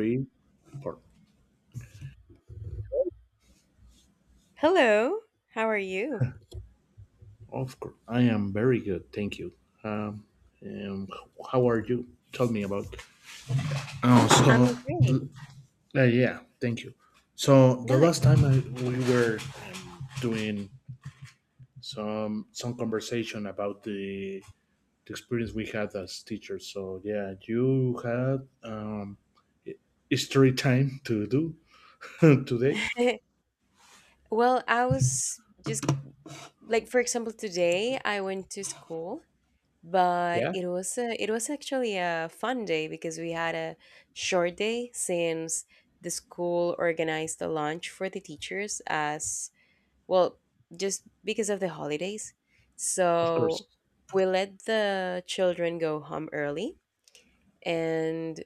Three, four. Hello, how are you? Of course, I am very good, thank you. Um, um, how are you? Tell me about. I'm Oh, so great. Yeah, thank you. So the No, last time we were doing some conversation about the experience we had as teachers. So yeah, you had history time to do today. well, I was just like, for example, today I went to school, but Yeah, it was actually a fun day because we had a short day since the school organized a lunch for the teachers as well, just because of the holidays. of course, So we let the children go home early and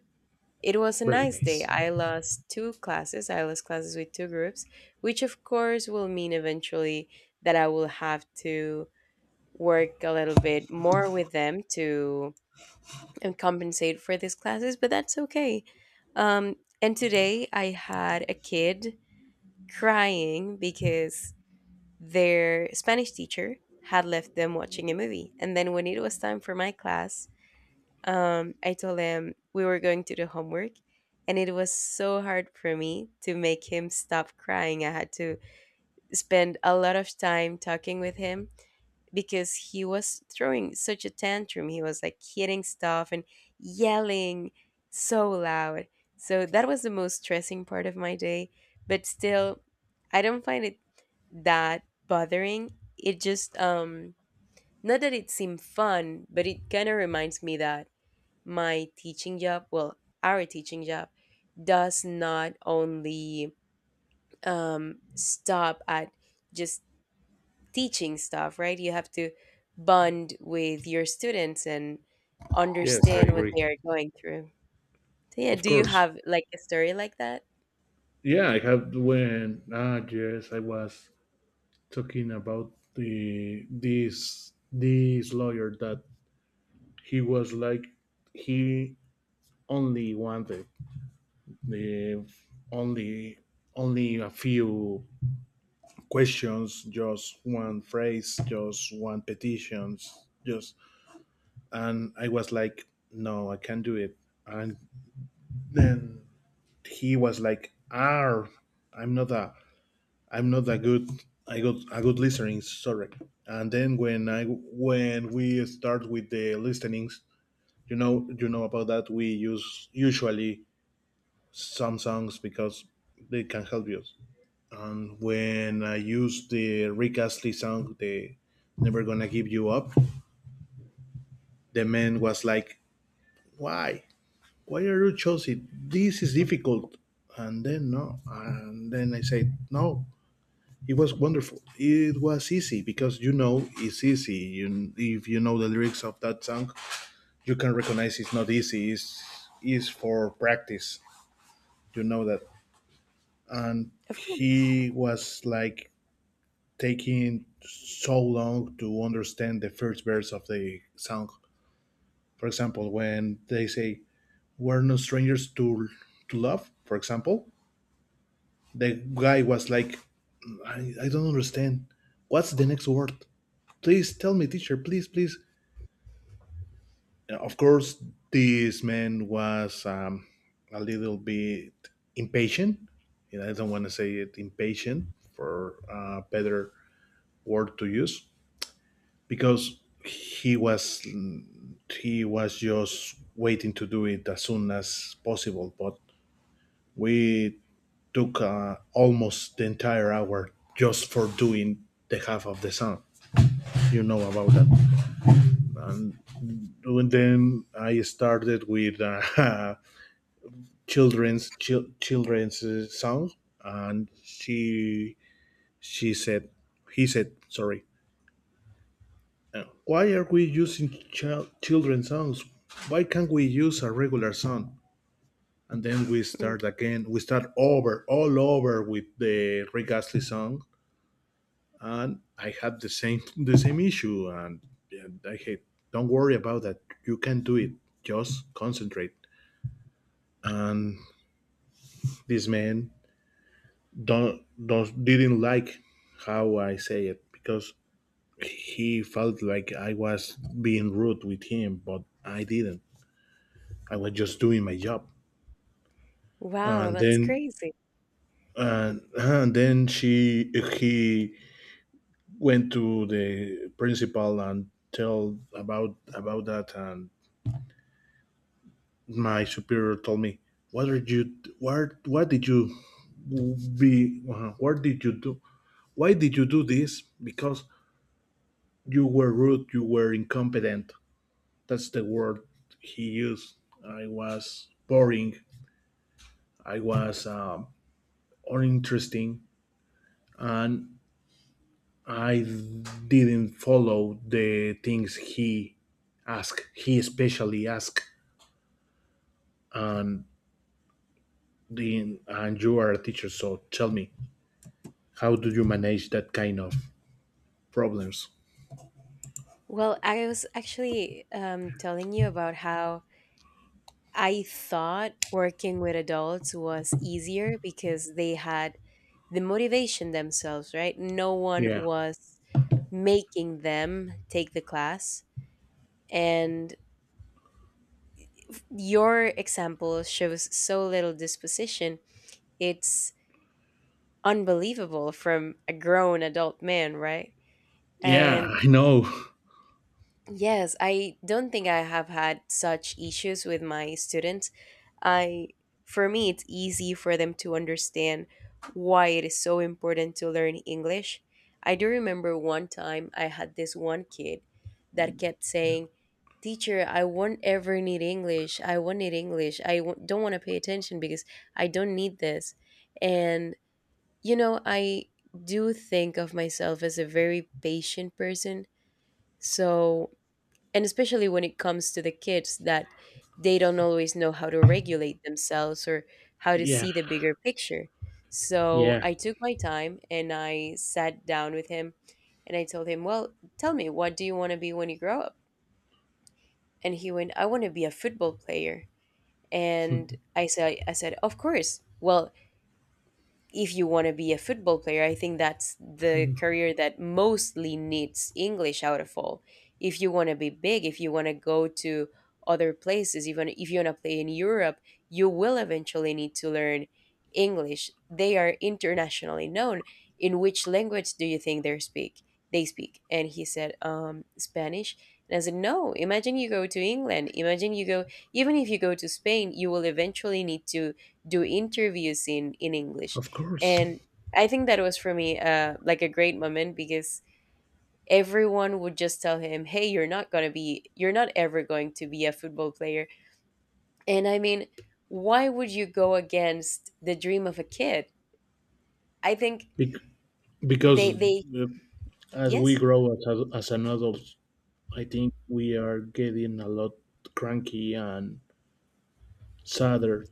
it was a very nice day. nice. I lost two classes. I lost classes with two groups, which of course will mean eventually that I will have to work a little bit more with them to and compensate for these classes, but that's okay. And today I had a kid crying because their Spanish teacher had left them watching a movie. And then when it was time for my class, I told him we were going to do homework, and it was so hard for me to make him stop crying. I had to spend a lot of time talking with him because he was throwing such a tantrum. He was like hitting stuff and yelling so loud. So that was the most stressing part of my day, but still, I don't find it that bothering. It just not that it seemed fun, but it kind of reminds me that my teaching job, well, our teaching job, does not only stop at just teaching stuff, right? You have to bond with your students and Yes, I understand what agree. they are going through. So, yeah, Of do you course. have like a story like that? Yeah, I have. When, I was talking about the this this lawyer that he was like he only wanted the only only a few questions, just one phrase, just one petitions, just, and I was like, no, I can't do it. And then he was like, ah, I'm not a I'm not that good. I got a good listening, sorry. And then when we start with the listenings, you know about that. We use usually some songs because they can help you. And when I used the Rick Astley song, the "Never Gonna Give You Up," the man was like, "Why? Why are you choosing? This is difficult." And then no, and then I said, "No, it was wonderful. It was easy because you know it's easy. You, if you know the lyrics of that song, you can recognize it's not easy. It's for practice. You know that. And Of course. he was like taking so long to understand the first verse of the song. For example, when they say, we're no strangers to love, for example, the guy was like, I don't understand. What's the next word? Please tell me, teacher, please, please. Of course, this man was a little bit impatient. And I don't want to say it impatient for a better word to use because he was just waiting to do it as soon as possible. But we took almost the entire hour just for doing the half of the song. You know about that. And then I started with children's song, and she said he said sorry. Why are we using children's songs? Why can't we use a regular song? And then we start again. We start over, all over with the Rick Astley song, and I had the same issue. And I hate. Don't worry about that. You can do it. Just concentrate. And this man don't didn't like how I say it because he felt like I was being rude with him, but I didn't. I was just doing my job. Wow, And that's then crazy. And then she he went to the principal and tell about that, and my superior told me, what are you, what did you be what did you do, why did you do this, because you were rude, you were incompetent. That's the word he used. I was boring. I was uninteresting, and I didn't follow the things he asked. He especially asked. And you are a teacher, so tell me, how do you manage that kind of problems? Well, I was actually telling you about how I thought working with adults was easier because they had the motivation themselves, right? No one Yeah, was making them take the class. And your example shows so little disposition. It's unbelievable from a grown adult man, right? yeah, And I know. yes, I don't think I have had such issues with my students. I, for me it's easy for them to understand why it is so important to learn English. I do remember one time I had this one kid that kept saying, "Teacher, I won't ever need English. I won't need English. Don't want to pay attention because I don't need this." And you know, I do think of myself as a very patient person. So, and especially when it comes to the kids that they don't always know how to regulate themselves or how to Yeah, see the bigger picture, so yeah, I took my time and I sat down with him and I told him, well, tell me, what do you want to be when you grow up? And he went, I want to be a football player. And I said, of course, well, if you want to be a football player, I think that's the career that mostly needs English out of all. If you want to be big, if you want to go to other places, even if you want to play in Europe, you will eventually need to learn English. They are internationally known. In which language do you think they speak? They speak. And he said, Spanish. And I said, no, imagine you go to England. Imagine you go, even if you go to Spain, you will eventually need to do interviews in English. of course. And I think that was for me like a great moment because everyone would just tell him, "Hey, you're not ever going to be a football player." And I mean, why would you go against the dream of a kid? I think Bec- they because they uh, as we yes. grow as an adult, I think we are getting a lot cranky and sadder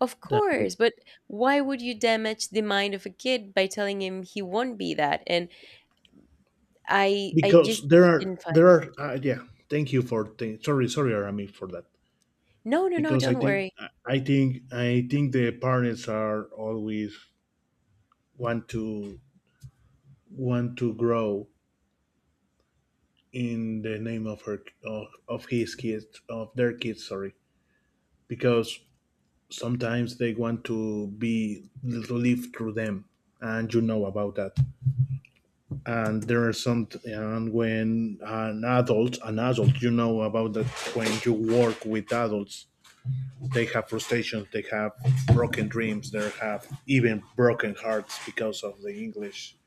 Of than course, but why would you damage the mind of a kid by telling him he won't be that? And I because just there are didn't find. there are uh, yeah. Thank you for sorry sorry Arami for that, No, no, no, because don't worry. I think the parents are always want to grow in the name of her of his kids of their kids sorry, because sometimes they want to be to live through them, and you know about that. And there are some, and when an adult, you know about that, when you work with adults they have frustrations, they have broken dreams, they have even broken hearts because of the english.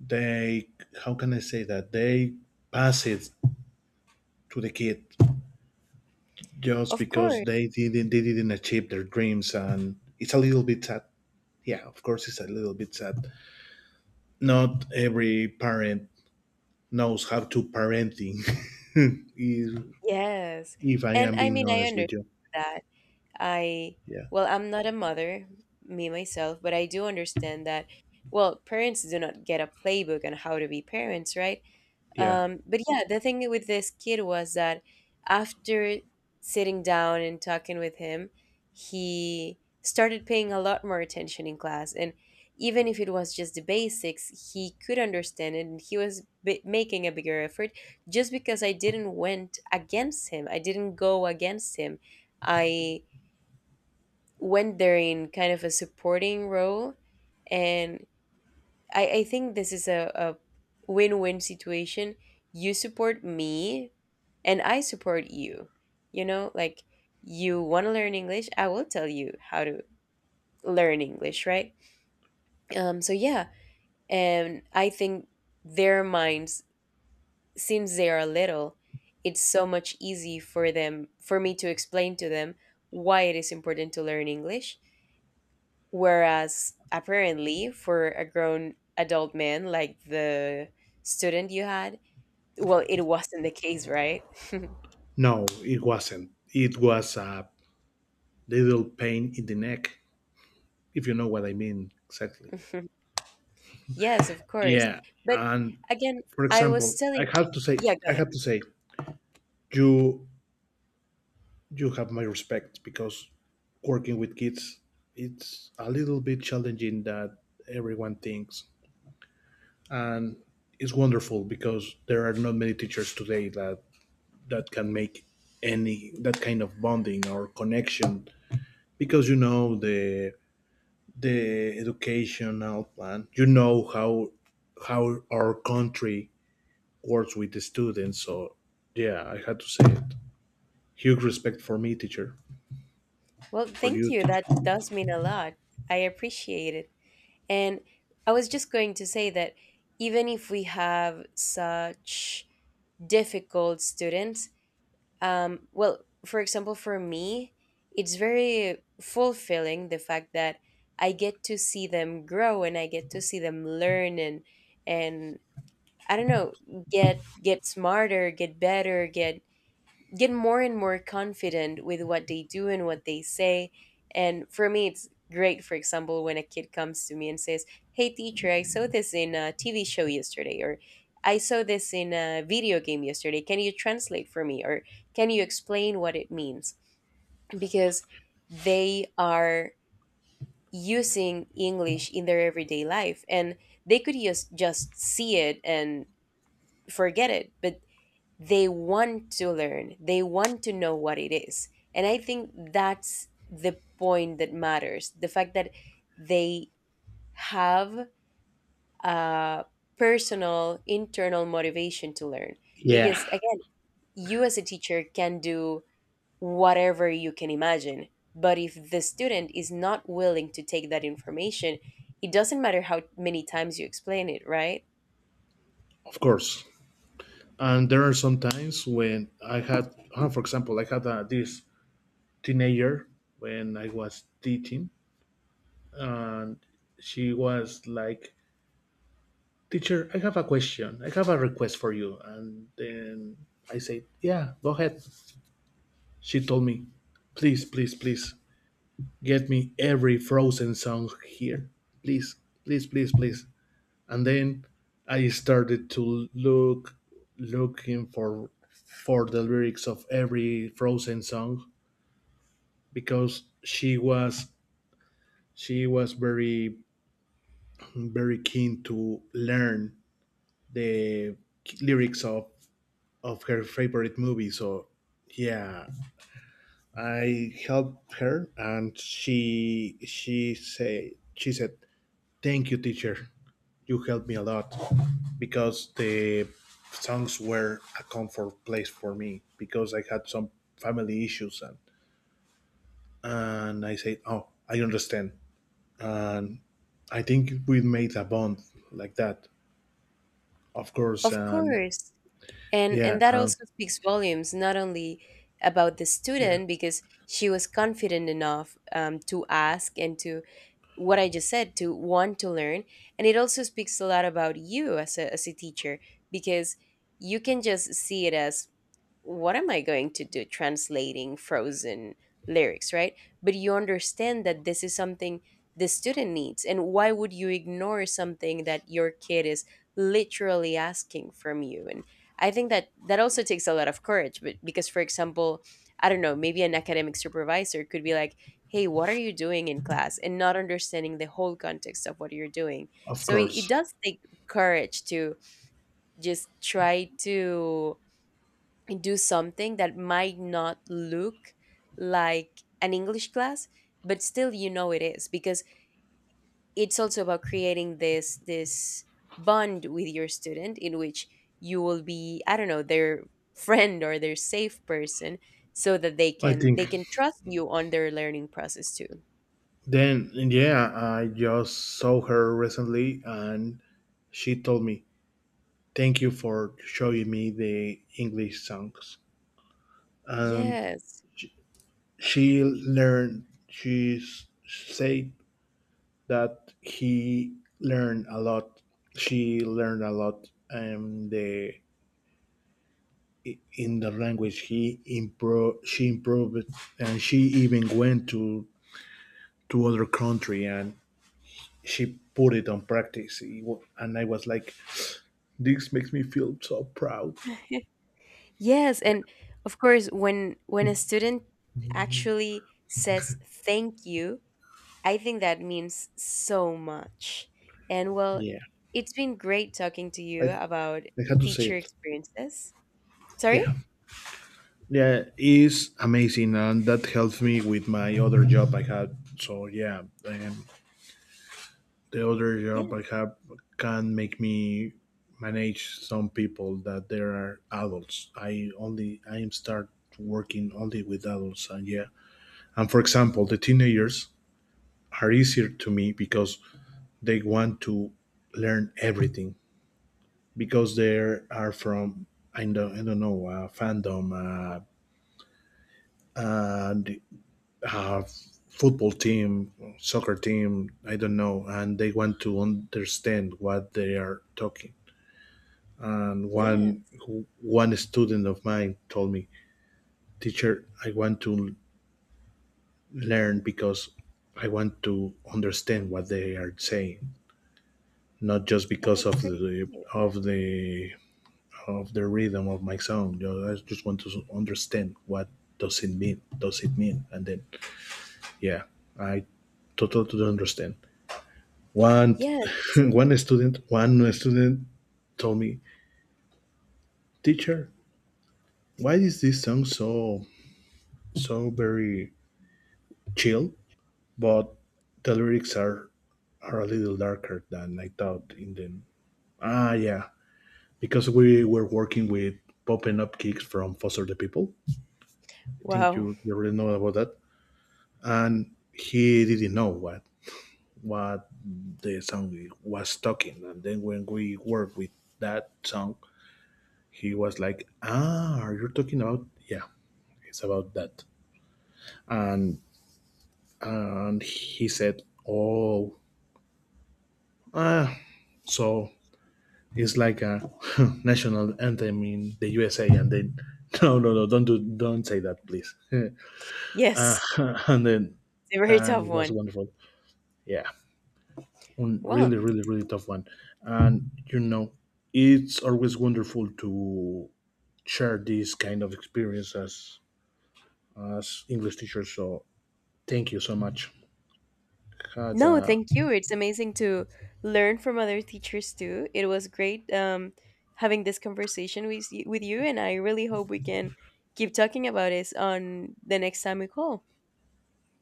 They, how can I say that, they pass it to the kid just Of because course. They didn't achieve their dreams, and it's a little bit sad. Yeah, of course, it's a little bit sad. Not every parent knows how to parenting is, Yes. if I And am I being mean, I honest understand with you. that. I, Yeah. well, I'm not a mother, me myself, but I do understand that, well, parents do not get a playbook on how to be parents, right? Yeah. But yeah, the thing with this kid was that after sitting down and talking with him, he started paying a lot more attention in class. And even if it was just the basics, he could understand it and he was making a bigger effort just because I didn't went against him. I didn't go against him. I, when they're in kind of a supporting role and I think this is a win-win situation, you support me and I support you, you know, like, you want to learn English, I will tell you how to learn English, right? So yeah, and I think their minds, since they are little, it's so much easy for them, for me to explain to them why it is important to learn English. Whereas apparently for a grown adult man like the student you had, well, it wasn't the case, right? No, it wasn't. It was a little pain in the neck, if you know what I mean exactly. Yes, of course. Yeah. But And again, for I was example, telling, yeah, go I ahead. have to say you you have my respect because working with kids it's a little bit challenging that everyone thinks. And it's wonderful because there are not many teachers today that that can make any that kind of bonding or connection, because you know the educational plan, you know how our country works with the students. So yeah, I had to say it, huge respect Well, for thank you you. That teacher. does mean a lot. I appreciate it. And I was just going to say that even if we have such difficult students, well, for example, for me, it's very fulfilling the fact that I get to see them grow and I get to see them learn and I don't know, get smarter, get better, get more and more confident with what they do and what they say. And for me, it's great, for example, when a kid comes to me and says, hey, teacher, I saw this in a TV show yesterday, or I saw this in a video game yesterday. Can you translate for me? Or can you explain what it means? Because they are using English in their everyday life and they could just see it and forget it. But they want to learn, they want to know what it is, and I think that's the point that matters, the fact that they have a personal internal motivation to learn, Yeah, because again, you as a teacher can do whatever you can imagine, but if the student is not willing to take that information, it doesn't matter how many times you explain it, right? of course. And there are some times when I had for example I had this teenager when I was teaching. She was like, teacher I have a question, I have a request for you, and then I said yeah go ahead. She told me, please, please, please, get me every Frozen song here. Please, please. And then I started to looking for the lyrics of every Frozen song because she was very keen to learn the lyrics of her favorite movie. So yeah, I helped her, and she said, "Thank you, teacher. You helped me a lot because the songs were a comfort place for me because I had some family issues." And I said, "Oh, I understand." And I think we made a bond like that. Of course, Of course. and and that and also speaks volumes, not only about the yeah, student because she was confident enough to ask and to what I just said to want to learn, and it also speaks a lot about you as a teacher, because you can just see it as, what am I going to do translating Frozen lyrics, right? But you understand that this is something the student needs. And why would you ignore something that your kid is literally asking from you? And I think that that also takes a lot of courage. But because, for example, I don't know, maybe an academic supervisor could be like, hey, what are you doing in class? And not understanding the whole context of what you're doing. of So it course. does take courage to just try to do something that might not look like an English class, but still, you know, it is, because it's also about creating this bond with your student in which you will be, I don't know, their friend or their safe person, so that they I can think they can trust you on their learning process too. then yeah, I just saw her recently and she told me thank you for showing me the English songs. And Yes. Said that he learned a lot. She learned a lot the in the language. She improved, and she even went to other country and she put it on practice. And I was like, this makes me feel so proud. Yes, Yeah, and of course when a student actually says thank you, I think that means so much. And well, yeah. it's been great talking to I you about I had to say teacher it. experiences. Sorry? Yeah. Yeah, is amazing, and that helps me with my other job I had. So yeah, the other job I Yes. have can make me manage some people that there are adults. I am start working only with adults, and yeah, and for example, the teenagers are easier to me because they want to learn everything because they are from I don't know fandom, and uh, football team, soccer team, I don't know, and they want to understand what they are talking. And Yeah. One student of mine told me, "Teacher, I want to learn because I want to understand what they are saying, not just And because that's of very the cute. of the of the rhythm of my song. You know, I just want to understand what does it mean. Does it mean?" And then, yeah, I totally understand. One Yes. One student told me, "Teacher, why is this song so so very chill, but the lyrics are a little darker than I thought in them?" Ah, yeah, because we were working with popping up kicks from Foster the People. I think Wow. You already know about that, and he didn't know what the song was talking. And then when we worked with that song, he was like, "Ah, are you talking about, yeah, it's about that." And and he said, "Oh, ah, so it's like a national anthem in the USA." And then, no, no, no, don't do, don't say that, please. uh, Yes. and then, It's a very and tough it was one. wonderful. Yeah, Well, really, really, really tough one. And you know, it's always wonderful to share these kind of experiences as English teachers. So thank you so much. God, no, thank you. It's amazing to learn from other teachers too. It was great having this conversation with with you, and I really hope we can keep talking about this on the next time we call.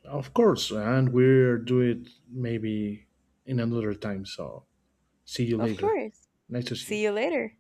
of course, and we'll do it maybe in another time. So see you Of later. course. Nice to see See you. you later.